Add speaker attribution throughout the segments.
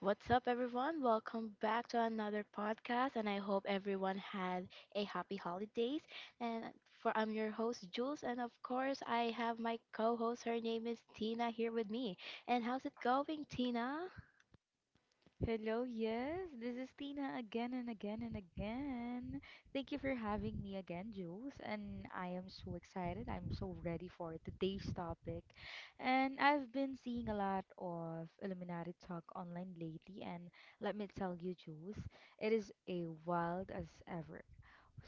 Speaker 1: What's up, everyone? Welcome back to another podcast, and I hope everyone had a happy holidays. And for I'm your host Jules, and of course I have my co-host. Her name is Tina here with me. And how's it going, Tina?
Speaker 2: Hello, yes, this is Tina again and again and again. Thank you for having me again, Jules. And I am so excited. I'm so ready for today's topic. And I've been seeing a lot of Illuminati talk online lately. And let me tell you, Jules, it is a wild as ever.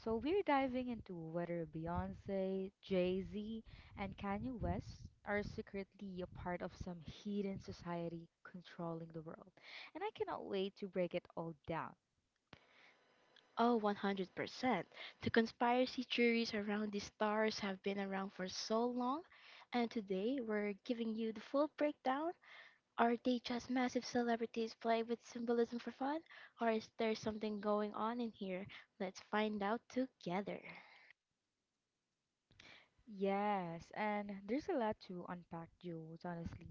Speaker 2: So we're diving into whether Beyonce, Jay-Z, and Kanye West are secretly a part of some hidden society controlling the world. And I cannot wait to break it all down.
Speaker 1: Oh, 100%. The conspiracy theories around the stars have been around for so long, and today we're giving you the full breakdown. Are they just massive celebrities playing with symbolism for fun? Or is there something going on in here? Let's find out together.
Speaker 2: Yes, and there's a lot to unpack, Jules, honestly.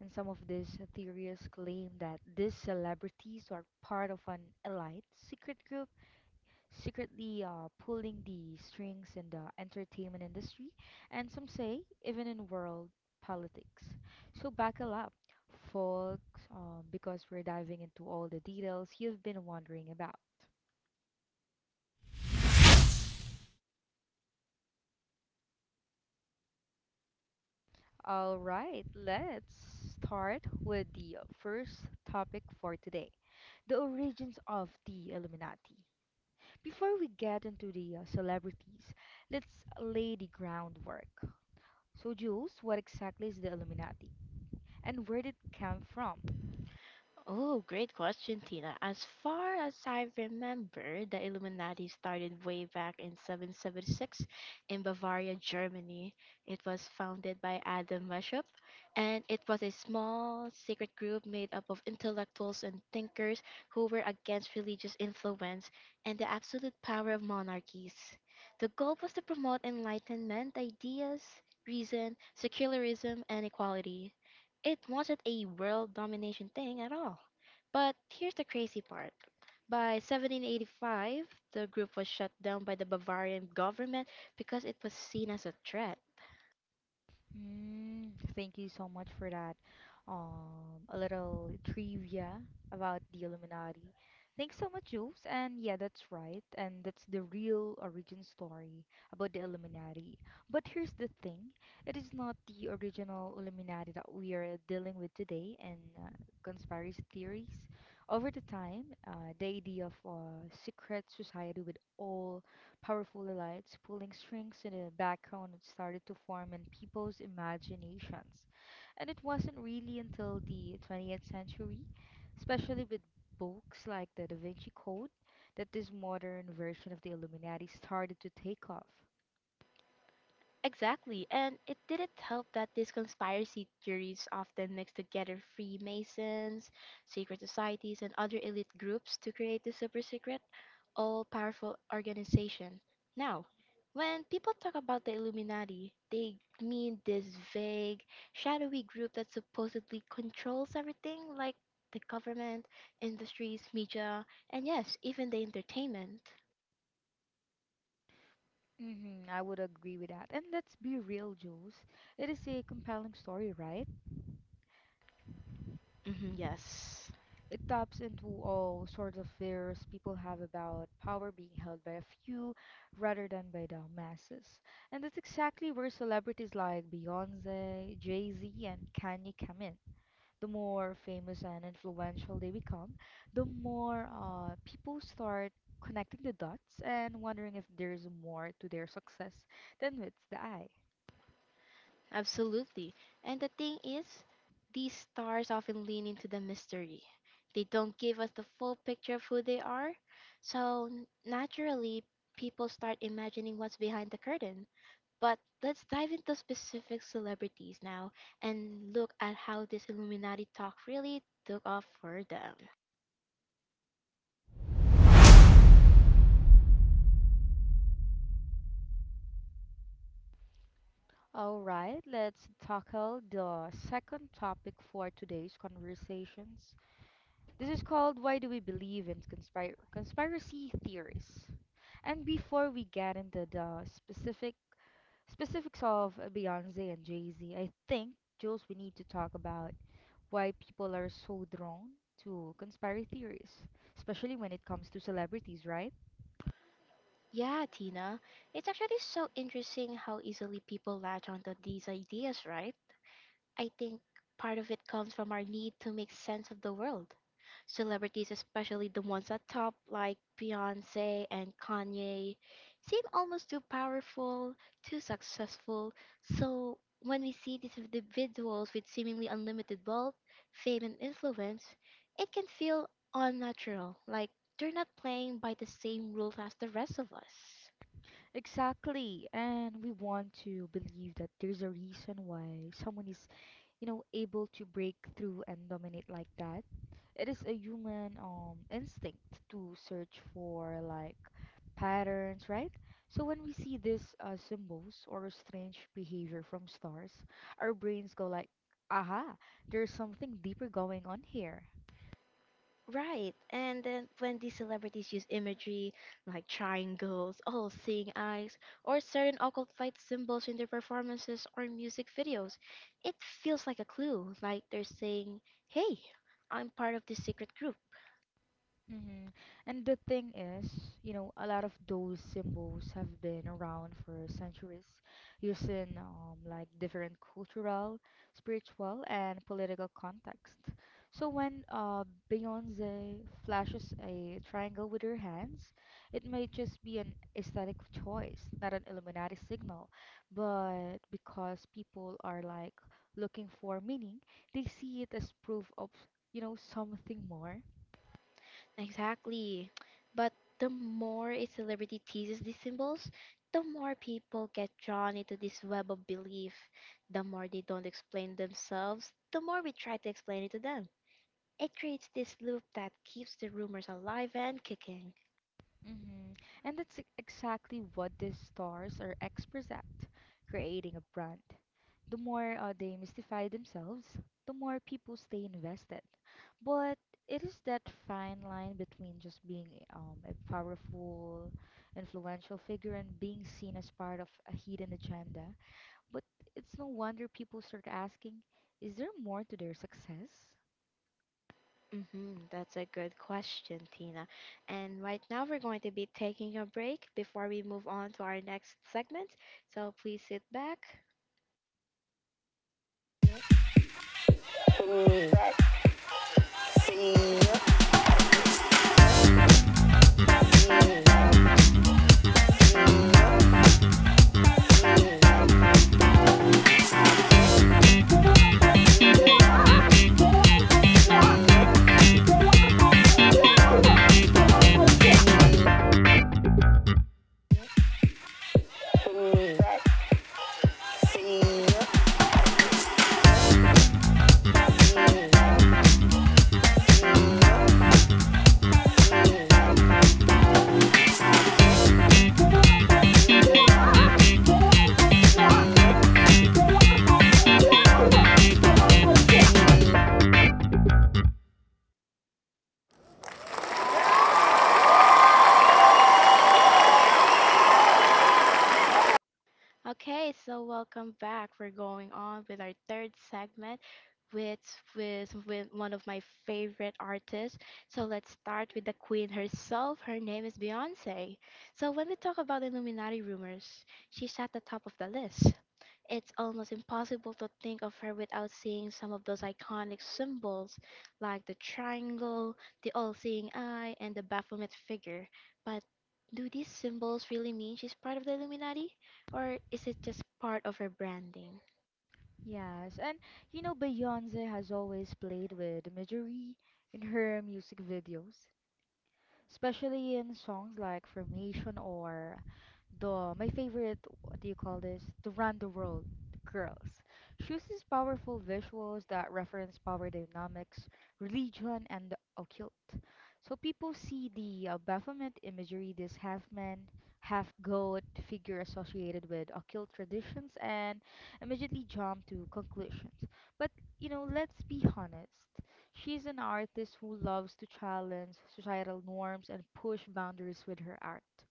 Speaker 2: And some of these theories claim that these celebrities are part of an elite secret group secretly pulling the strings in the entertainment industry and some say even in world politics. So buckle up, folks, because we're diving into all the details you've been wondering about. All right, let's start with the first topic for today, the origins of the Illuminati. Before we get into the celebrities, let's lay the groundwork. So, Jules, what exactly is the Illuminati, and where did it come from?
Speaker 1: Oh, great question, Tina. As far as I remember, the Illuminati started way back in 776 in Bavaria, Germany. It was founded by Adam Weishaupt, and it was a small, secret group made up of intellectuals and thinkers who were against religious influence and the absolute power of monarchies. The goal was to promote Enlightenment ideas, reason, secularism, and equality. It wasn't a world domination thing at all. But here's the crazy part. By 1785, the group was shut down by the Bavarian government because it was seen as a threat.
Speaker 2: Thank you so much for that. A little trivia about the Illuminati. Thanks so much, Jules. And yeah, that's right. And that's the real origin story about the Illuminati. But here's the thing: it is not the original Illuminati that we are dealing with today in conspiracy theories. Over the time, the idea of a secret society with all powerful lights pulling strings in the background had started to form in people's imaginations. And it wasn't really until the 20th century, especially with books like the Da Vinci Code, that this modern version of the Illuminati started to take off.
Speaker 1: Exactly, and it didn't help that these conspiracy theories often mix together Freemasons, secret societies, and other elite groups to create the super secret, all powerful organization. Now, when people talk about the Illuminati, they mean this vague, shadowy group that supposedly controls everything, like the government, industries, media, and yes, even the entertainment.
Speaker 2: Mm-hmm, I would agree with that. And let's be real, Jules. It is a compelling story, right?
Speaker 1: Hmm, yes.
Speaker 2: It taps into all sorts of fears people have about power being held by a few rather than by the masses. And that's exactly where celebrities like Beyonce, Jay Z, and Kanye come in. The more famous and influential they become, the more people start connecting the dots and wondering if there's more to their success than meets the eye.
Speaker 1: Absolutely. And the thing is, these stars often lean into the mystery. They don't give us the full picture of who they are. So naturally, people start imagining what's behind the curtain. But let's dive into specific celebrities now and look at how this Illuminati talk really took off for them.
Speaker 2: All right, let's tackle the second topic for today's conversations. This is called Why Do We Believe in Conspiracy Theories? And before we get into the specifics of Beyonce and Jay Z, I think, Jules, we need to talk about why people are so drawn to conspiracy theories, especially when it comes to celebrities, right?
Speaker 1: Yeah, Tina, it's actually so interesting how easily people latch onto these ideas, right? I think part of it comes from our need to make sense of the world. Celebrities, especially the ones at top, like Beyonce and Kanye, seem almost too powerful, too successful. So when we see these individuals with seemingly unlimited wealth, fame, and influence, it can feel unnatural, like they're not playing by the same rules as the rest of us.
Speaker 2: Exactly. And we want to believe that there's a reason why someone is, you know, able to break through and dominate like that. It is a human instinct to search for, like, patterns, right? So when we see these symbols or strange behavior from stars, our brains go like, "Aha, there's something deeper going on here."
Speaker 1: Right, and then when these celebrities use imagery like triangles, all seeing eyes, or certain occult light symbols in their performances or music videos, it feels like a clue, like they're saying, "Hey, I'm part of this secret group."
Speaker 2: Hmm. And the thing is, you know, a lot of those symbols have been around for centuries, used in, like, different cultural, spiritual, and political context. So when Beyonce flashes a triangle with her hands, it may just be an aesthetic choice, not an Illuminati signal, but because people are, like, looking for meaning, they see it as proof of, you know, something more.
Speaker 1: Exactly. But the more a celebrity teases these symbols, the more people get drawn into this web of belief. The more they don't explain themselves, the more we try to explain it to them. It creates this loop that keeps the rumors alive and kicking.
Speaker 2: Mm-hmm. And that's exactly what these stars are experts at, creating a brand. The more they mystify themselves, the more people stay invested. But it is that fine line between just being a powerful, influential figure and being seen as part of a hidden agenda. But it's no wonder people start asking, is there more to their success?
Speaker 1: Mm hmm that's a good question, Tina. And right now we're going to be taking a break before we move on to our next segment. So please sit back. Okay, so welcome back. We're going on with our third segment with with one of my favorite artists. So let's start with the queen herself. Her name is Beyoncé. So when we talk about Illuminati rumors, she's at the top of the list. It's almost impossible to think of her without seeing some of those iconic symbols like the triangle, the all-seeing eye, and the Baphomet figure. But do these symbols really mean she's part of the Illuminati? Or is it just part of her branding?
Speaker 2: Yes, and you know, Beyonce has always played with imagery in her music videos, especially in songs like Formation, or the, my favorite, what do you call this? To Run the World Girls. She uses powerful visuals that reference power dynamics, religion, and the occult. So people see the Baphomet imagery, this half man, half goat figure associated with occult traditions, and immediately jump to conclusions. But you know, let's be honest. She's an artist who loves to challenge societal norms and push boundaries with her art.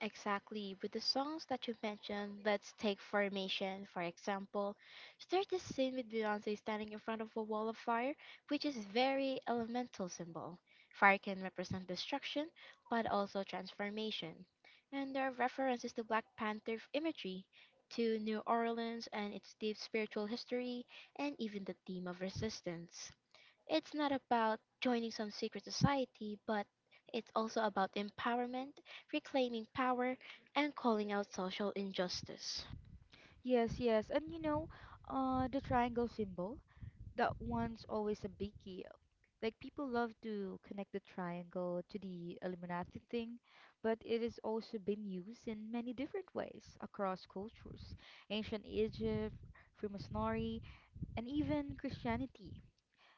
Speaker 1: Exactly. With the songs that you mentioned, let's take Formation, for example. There's this scene with Beyonce standing in front of a wall of fire, which is very elemental symbol. Fire can represent destruction, but also transformation. And there are references to Black Panther imagery, to New Orleans and its deep spiritual history, and even the theme of resistance. It's not about joining some secret society, but it's also about empowerment, reclaiming power, and calling out social injustice.
Speaker 2: Yes, yes. And you know, the triangle symbol, that one's always a biggie. Like, people love to connect the triangle to the Illuminati thing, but it has also been used in many different ways across cultures. Ancient Egypt, Freemasonry, and even Christianity.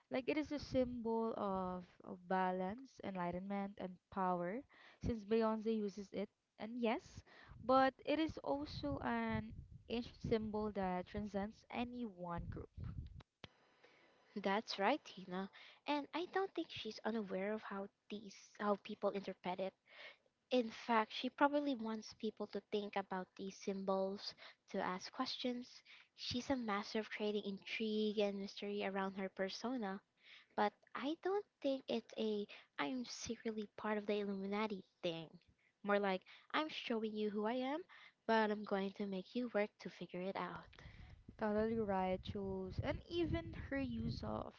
Speaker 2: Like, it is a symbol of balance, enlightenment, and power, since Beyonce uses it. And yes, but it is also an ancient symbol that transcends any one group.
Speaker 1: That's right, Tina. And I don't think she's unaware of how these how people interpret it. In fact, she probably wants people to think about these symbols, to ask questions. She's a master of creating intrigue and mystery around her persona. But I don't think it's a I'm secretly part of the Illuminati thing. More like I'm showing you who I am, but I'm going to make you work to figure it out.
Speaker 2: Totally right, Jules. And even her use of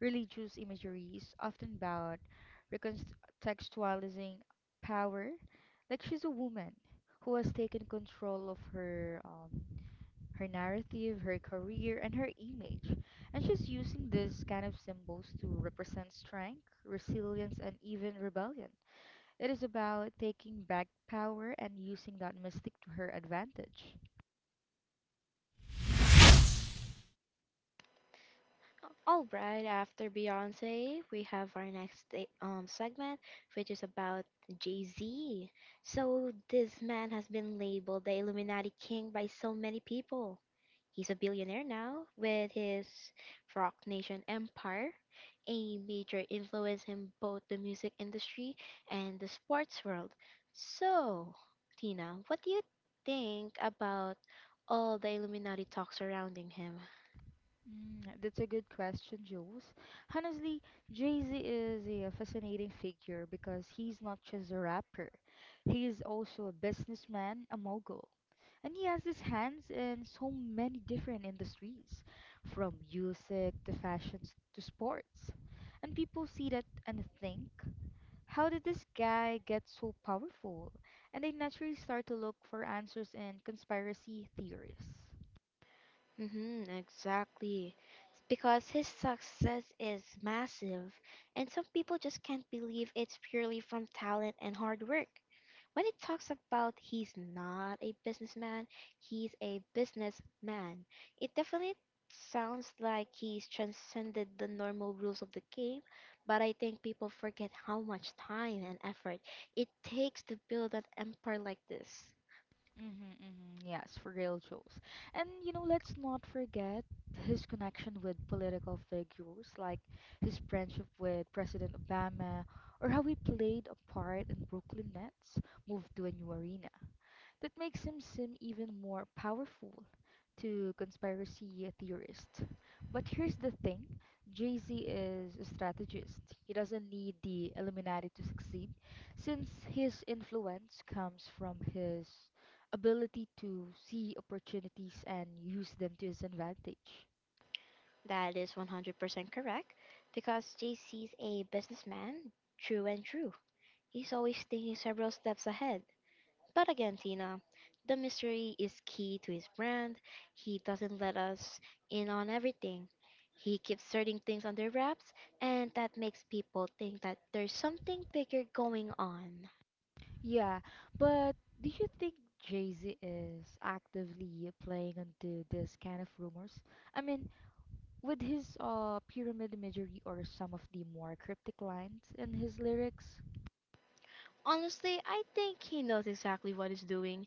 Speaker 2: religious imagery is often about recontextualizing power. Like, she's a woman who has taken control of her her narrative, her career, and her image. And she's using these kind of symbols to represent strength, resilience, and even rebellion. It is about taking back power and using that mystic to her advantage.
Speaker 1: All right, after Beyonce, we have our next segment, which is about Jay-Z. So this man has been labeled the Illuminati King by so many people. He's a billionaire now with his Rock Nation empire, a major influence in both the music industry and the sports world. So, Tina, what do you think about all the Illuminati talk surrounding him?
Speaker 2: Mm, that's a good question, Jules. Honestly, Jay-Z is a fascinating figure because he's not just a rapper. He is also a businessman, a mogul, and he has his hands in so many different industries, from music to fashions to sports. And people see that and think, how did this guy get so powerful? And they naturally start to look for answers in conspiracy theories.
Speaker 1: Mm-hmm, exactly. Because his success is massive, and some people just can't believe it's purely from talent and hard work. When it talks about he's not a businessman, he's a businessman, it definitely sounds like he's transcended the normal rules of the game, but I think people forget how much time and effort it takes to build an empire like this.
Speaker 2: Mm-hmm, mm-hmm. Yes, for real jokes. And you know, let's not forget his connection with political figures, like his friendship with President Obama, or how he played a part in Brooklyn Nets move to a new arena, that makes him seem even more powerful to conspiracy theorists. But here's the thing: Jay Z is a strategist. He doesn't need the Illuminati to succeed, since his influence comes from his ability to see opportunities and use them to his advantage.
Speaker 1: That is 100% correct because JC's a businessman, true and true. He's always thinking several steps ahead. But again, Tina, the mystery is key to his brand. He doesn't let us in on everything. He keeps certain things under wraps, and that makes people think that there's something bigger going on.
Speaker 2: Yeah, but do you think Jay Z is actively playing into this kind of rumors? I mean, with his pyramid imagery or some of the more cryptic lines in his lyrics?
Speaker 1: Honestly, I think he knows exactly what he's doing.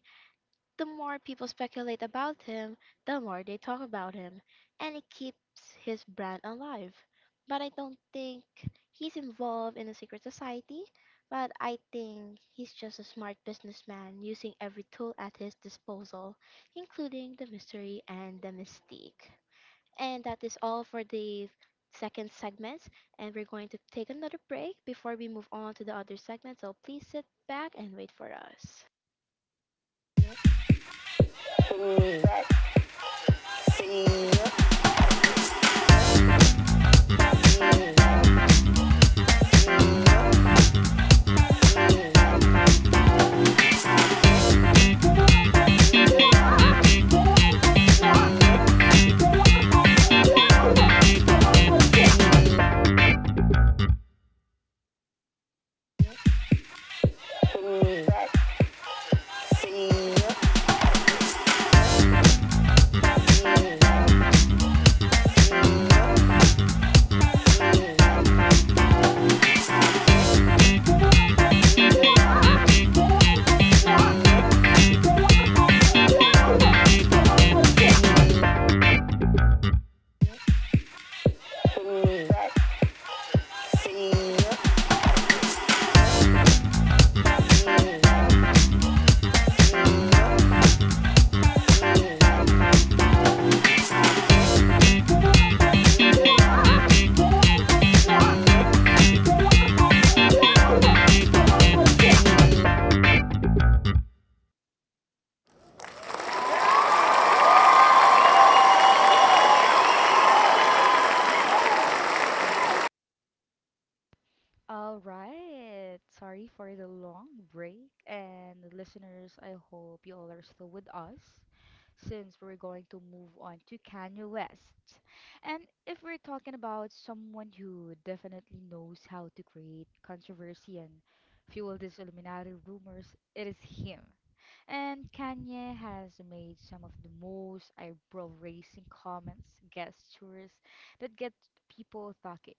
Speaker 1: The more people speculate about him, the more they talk about him, and it keeps his brand alive. But I don't think he's involved in a secret society, but I think he's just a smart businessman using every tool at his disposal, including the mystery and the mystique. And that is all for the second segment, and we're going to take another break before we move on to the other segment, so please sit back and wait for us.
Speaker 2: All right. Sorry for the long break. And listeners, I hope you all are still with us, since we're going to move on to Kanye West. And if we're talking about someone who definitely knows how to create controversy and fuel these Illuminati rumors, it is him. And Kanye has made some of the most eyebrow raising comments, gestures that get people talking.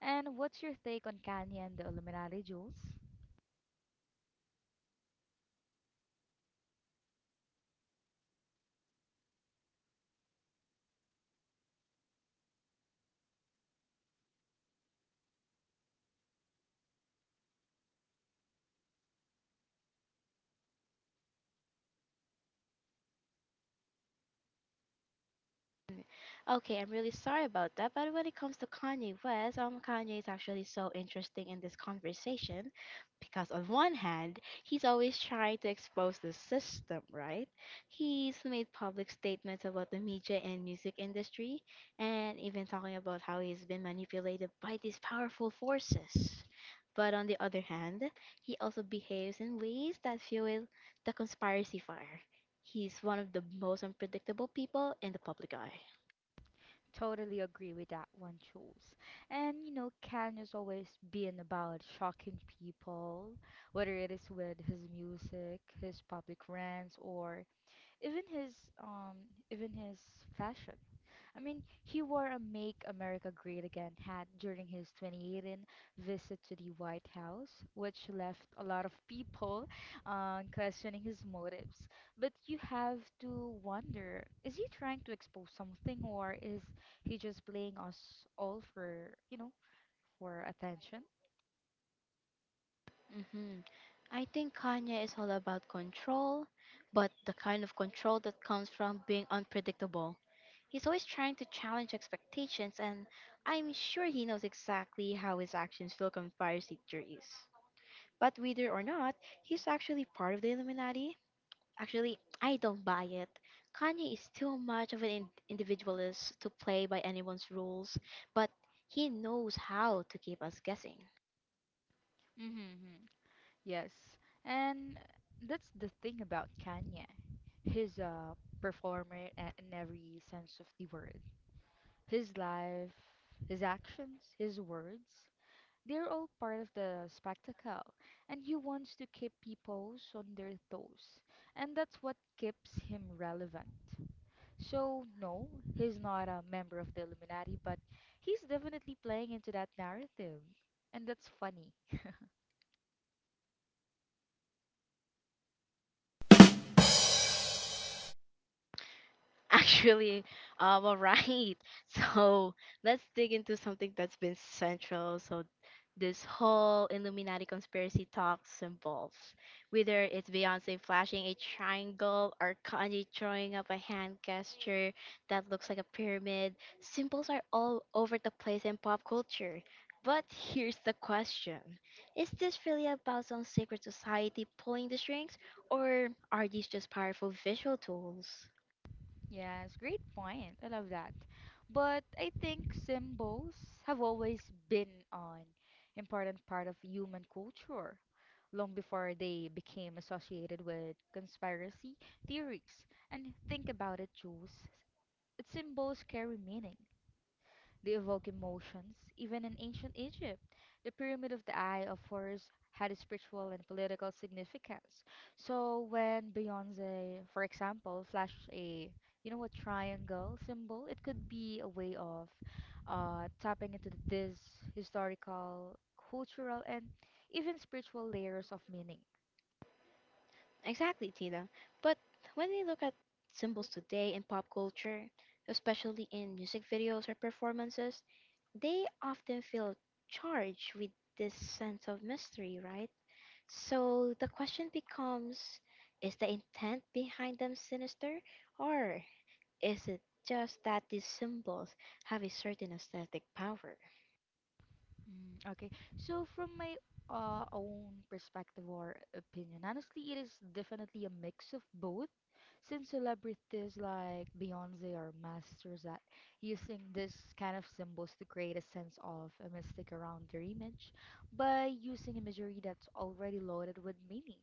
Speaker 2: And what's your take on Kanye and the Illuminati, Jules?
Speaker 1: Okay, I'm really sorry about that. But when it comes to Kanye West, Kanye is actually so interesting in this conversation because on one hand, he's always trying to expose the system, right? He's made public statements about the media and music industry, and even talking about how he's been manipulated by these powerful forces. But on the other hand, he also behaves in ways that fuel the conspiracy fire. He's one of the most unpredictable people in the public eye.
Speaker 2: Totally agree with that one, Jules. And you know, Kanye's always been about shocking people, whether it is with his music, his public rants, or even his um even his fashion. I mean, he wore a "Make America Great Again" hat during his 2018 visit to the White House, which left a lot of people questioning his motives. But you have to wonder: is he trying to expose something, or is he just playing us all for, you know, for attention?
Speaker 1: hmm I think Kanye is all about control, but the kind of control that comes from being unpredictable. He's always trying to challenge expectations, and I'm sure he knows exactly how his actions feel compared to theories. But whether or not he's actually part of the Illuminati, actually, I don't buy it. Kanye is too much of an individualist to play by anyone's rules, but he knows how to keep us guessing.
Speaker 2: Mm-hmm. Yes, and that's the thing about Kanye. He's a performer in every sense of the word. His life, his actions, his words, they're all part of the spectacle, and he wants to keep people on their toes, and that's what keeps him relevant. So, no, he's not a member of the Illuminati, but he's definitely playing into that narrative, and that's funny.
Speaker 1: Actually, all right. So let's dig into something that's been central. So this whole Illuminati conspiracy talk involves whether it's Beyonce flashing a triangle or Kanye drawing up a hand gesture that looks like a pyramid. Symbols are all over the place in pop culture. But here's the question. Is this really about some secret society pulling the strings, or are these just powerful visual tools?
Speaker 2: Yes, great point. I love that. But I think symbols have always been an important part of human culture long before they became associated with conspiracy theories. And think about it, Jules. Its Symbols carry meaning. They evoke emotions. Even in ancient Egypt, the Pyramid of the Eye of Horus had a spiritual and political significance. So when Beyonce, for example, flashed a, you know what, triangle symbol, it could be a way of tapping into this historical, cultural, and even spiritual layers of meaning.
Speaker 1: Exactly, Tina. But when we look at symbols today in pop culture, especially in music videos or performances, they often feel charged with this sense of mystery, right? So the question becomes is the intent behind them sinister, or is it just that these symbols have a certain aesthetic power?
Speaker 2: Mm. Okay, so from my own perspective or opinion, honestly, it is definitely a mix of both. Since celebrities like Beyonce are masters at using this kind of symbols to create a sense of a mystic around their image by using imagery that's already loaded with meaning.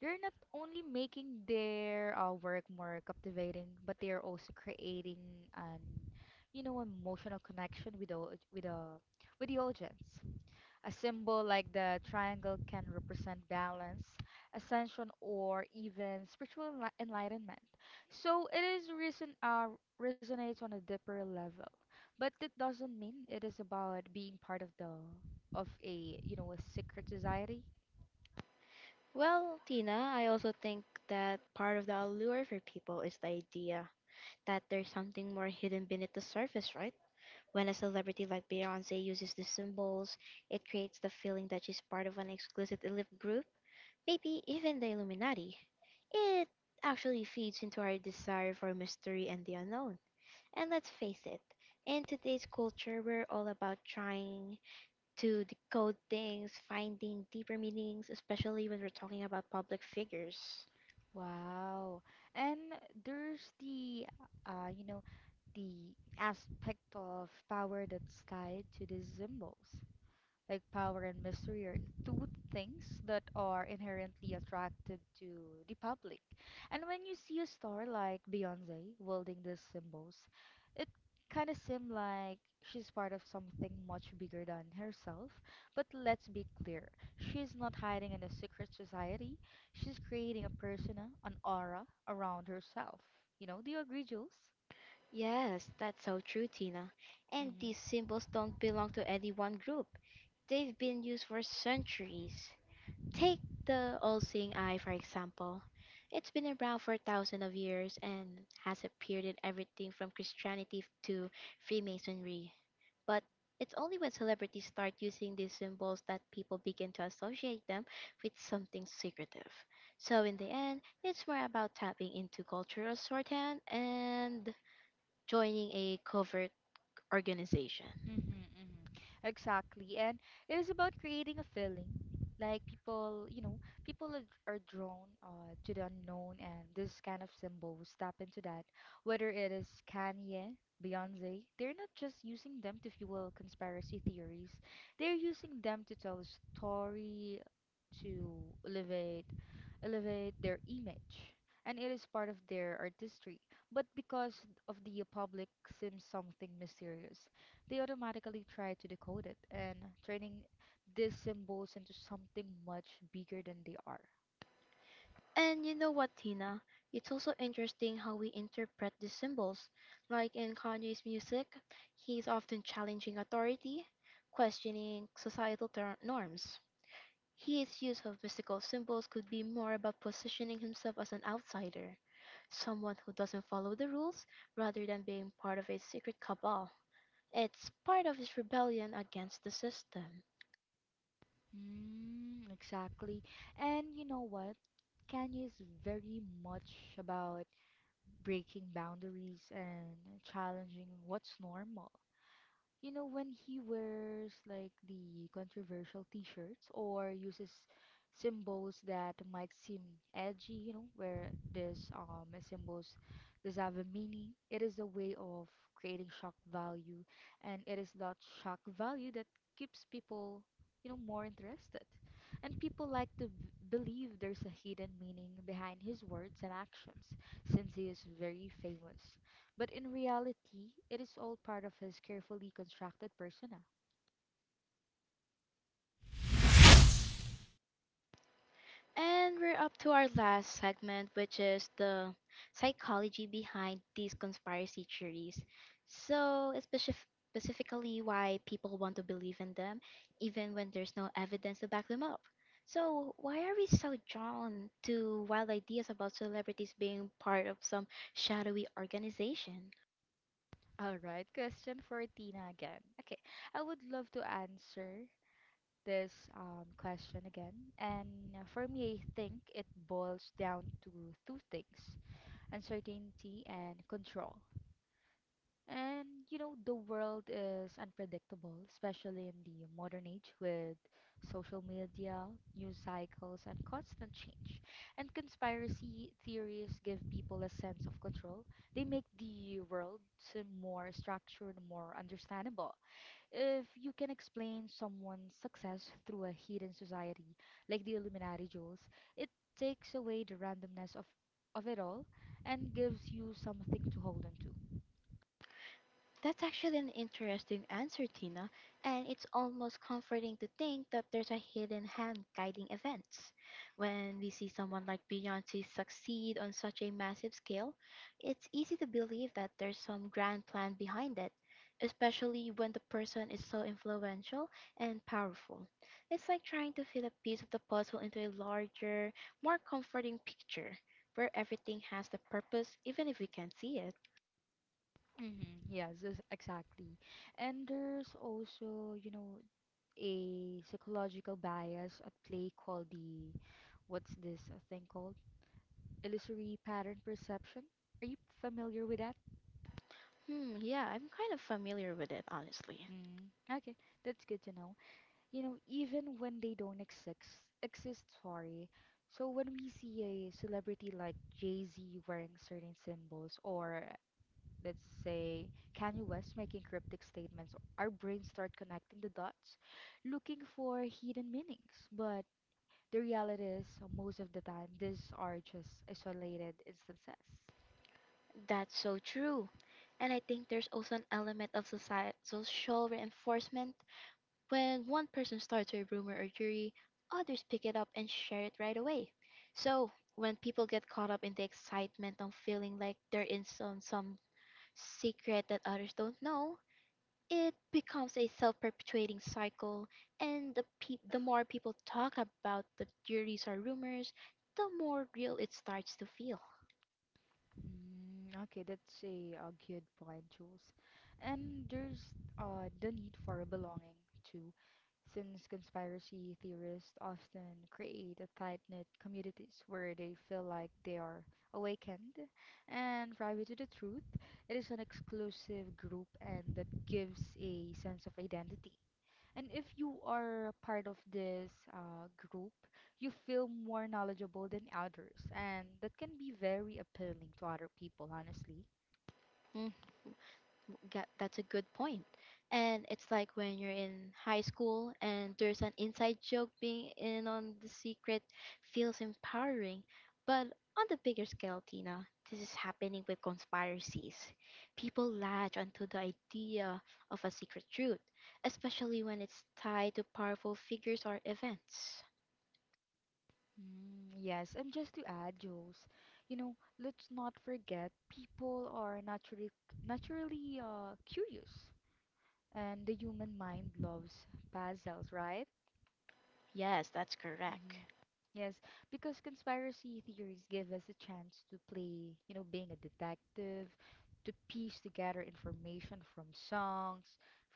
Speaker 2: They're not only making their work more captivating, but they are also creating an, you know, emotional connection with with the, with the audience. A symbol like the triangle can represent balance, ascension, or even spiritual enlightenment. So it is reason resonates on a deeper level, but it doesn't mean it is about being part of the of a, you know, a secret society.
Speaker 1: Well, Tina, I also think that part of the allure for people is the idea that there's something more hidden beneath the surface, right? When a celebrity like Beyonce uses these symbols, it creates the feeling that she's part of an exclusive elite group, maybe even the Illuminati. It actually feeds into our desire for mystery and the unknown. And let's face it, in today's culture, we're all about trying to decode things, finding deeper meanings, especially when we're talking about public figures.
Speaker 2: Wow. And there's the, you know, the aspect of power that's tied to these symbols. Like, power and mystery are two things that are inherently attractive to the public. And when you see a star like Beyonce wielding these symbols, it kind of seems like she's part of something much bigger than herself. But let's be clear, she's not hiding in a secret society. She's creating a persona, an aura around herself. You know, do you agree, Jules?
Speaker 1: Yes, that's so true, Tina. And these
Speaker 2: Mm-hmm.
Speaker 1: symbols don't belong to any one group. They've been used for centuries. Take the all-seeing eye, for example. It's been around for thousands of years and has appeared in everything from Christianity to Freemasonry. But it's only when celebrities start using these symbols that people begin to associate them with something secretive. So, in the end, it's more about tapping into cultural shorthand and joining a covert organization.
Speaker 2: Mm-hmm, mm-hmm. Exactly. And it is about creating a feeling. Like people, people are drawn to the unknown, and this kind of symbols tap into that. Whether it is Kanye, Beyonce, they're not just using them to fuel conspiracy theories, they're using them to tell a story, to elevate their image, and it is part of their artistry. But because of the public seems something mysterious, they automatically try to decode it and turning these symbols into something much bigger than they are.
Speaker 1: And you know what, Tina? It's also interesting how we interpret these symbols. Like in Kanye's music, he's often challenging authority, questioning societal norms. His use of mystical symbols could be more about positioning himself as an outsider, someone who doesn't follow the rules rather than being part of a secret cabal. It's part of his rebellion against the system.
Speaker 2: Exactly. And you know what, Kanye is very much about breaking boundaries and challenging what's normal. You know, when he wears like the controversial t-shirts or uses symbols that might seem edgy, where this symbols does have a meaning, it is a way of creating shock value, and it is that shock value that keeps people more interested. And people like to b believe there's a hidden meaning behind his words and actions, since he is very famous. But in reality, it is all part of his carefully constructed persona.
Speaker 1: And we're up to our last segment, which is the psychology behind these conspiracy theories. So, specifically, why people want to believe in them, even when there's no evidence to back them up. So, why are we so drawn to wild ideas about celebrities being part of some shadowy organization?
Speaker 2: All right, question for Tina again. Okay, I would love to answer this question again. And for me, I think it boils down to two things: uncertainty and control. And you know, the world is unpredictable, especially in the modern age with social media, news cycles, and constant change. And conspiracy theories give people a sense of control. They make the world seem more structured, more understandable. If you can explain someone's success through a hidden society, like the Illuminati Jewels, it takes away the randomness of it all and gives you something to hold on to.
Speaker 1: That's actually an interesting answer, Tina, and it's almost comforting to think that there's a hidden hand guiding events. When we see someone like Beyonce succeed on such a massive scale, it's easy to believe that there's some grand plan behind it, especially when the person is so influential and powerful. It's like trying to fit a piece of the puzzle into a larger, more comforting picture, where everything has the purpose even if we can't see it.
Speaker 2: Mm-hmm. Yes, yes, exactly. And there's also, you know, a psychological bias at play called the, what's this thing called? Illusory pattern perception. Are you familiar with that?
Speaker 1: Hmm, yeah, I'm kind of familiar with it, honestly.
Speaker 2: Mm, okay, that's good to know. You know, even when they don't exist, exist, sorry. So when we see a celebrity like Jay-Z wearing certain symbols, or let's say Kanye West making cryptic statements, our brains start connecting the dots, looking for hidden meanings. But the reality is, most of the time, these are just isolated instances.
Speaker 1: That's so true. And I think there's also an element of society, social reinforcement. When one person starts a rumor or theory, others pick it up and share it right away. So, when people get caught up in the excitement of feeling like they're in some secret that others don't know, it becomes a self-perpetuating cycle. And the more people talk about the theories or rumors, the more real it starts to feel.
Speaker 2: Mm, okay, that's a good point, Jules. And there's the need for belonging too, since conspiracy theorists often create a tight-knit communities where they feel like they are awakened and privy to the truth. It is an exclusive group, and that gives a sense of identity. And if you are part of this group, you feel more knowledgeable than others, and that can be very appealing to other people, honestly.
Speaker 1: Mm, that's a good point. And it's like when you're in high school and there's an inside joke being in on the secret feels empowering. But on the bigger scale, Tina, this is happening with conspiracies. People latch onto the idea of a secret truth, especially when it's tied to powerful figures or events.
Speaker 2: Mm, yes, and just to add, Jules, you know, let's not forget, people are naturally curious, and the human mind loves puzzles, right?
Speaker 1: Yes, that's
Speaker 2: hmm
Speaker 1: correct.
Speaker 2: Yes, because conspiracy theories give us a chance to play, you know, being a detective, to piece together information from songs,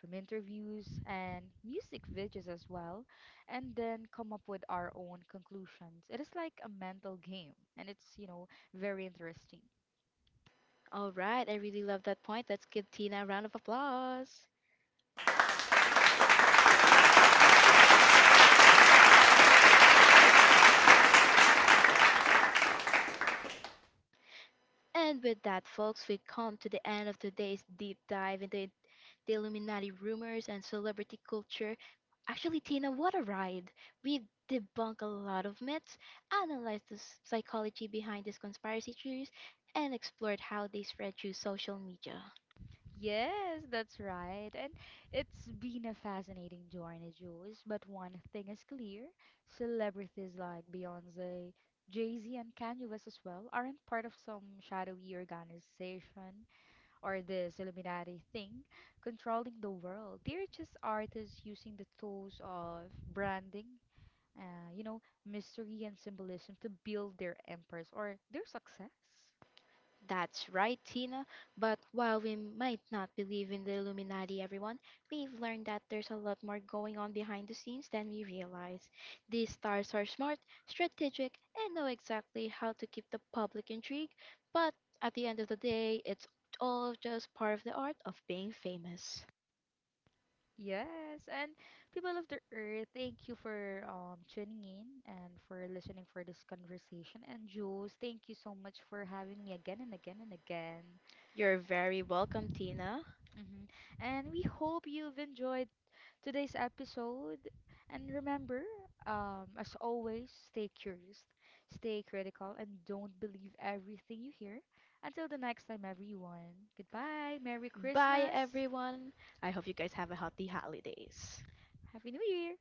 Speaker 2: from interviews, and music videos as well, and then come up with our own conclusions. It is like a mental game, and it's, you know, very interesting.
Speaker 1: All right, I really love that point. Let's give Tina a round of applause. And with that, folks, we come to the end of today's deep dive into the Illuminati rumors and celebrity culture. Actually, Tina, what a ride! We've debunked a lot of myths, analyzed the psychology behind these conspiracy theories, and explored how they spread through social media.
Speaker 2: Yes, that's right. And it's been a fascinating journey, Jules. But one thing is clear: celebrities like Beyonce, Jay-Z, and Kanye West as well aren't part of some shadowy organization or this Illuminati thing controlling the world. They're just artists using the tools of branding, uh, you know, mystery and symbolism to build their empires or their success.
Speaker 1: That's right, Tina. But while we might not believe in the Illuminati, everyone, we've learned that there's a lot more going on behind the scenes than we realize. These stars are smart, strategic, and know exactly how to keep the public intrigued, but at the end of the day, it's all just part of the art of being famous.
Speaker 2: Yes, and people of the earth, thank you for tuning in and for listening for this conversation. And Jules, thank you so much for having me again and again and again.
Speaker 1: You're very welcome, Tina.
Speaker 2: Hmm And we hope you've enjoyed today's episode. And remember, as always, stay curious, stay critical, and don't believe everything you hear. Until the next time, everyone. Goodbye. Merry
Speaker 1: Bye,
Speaker 2: Christmas.
Speaker 1: everyone. I hope you guys have a healthy holidays.
Speaker 2: Happy New Year.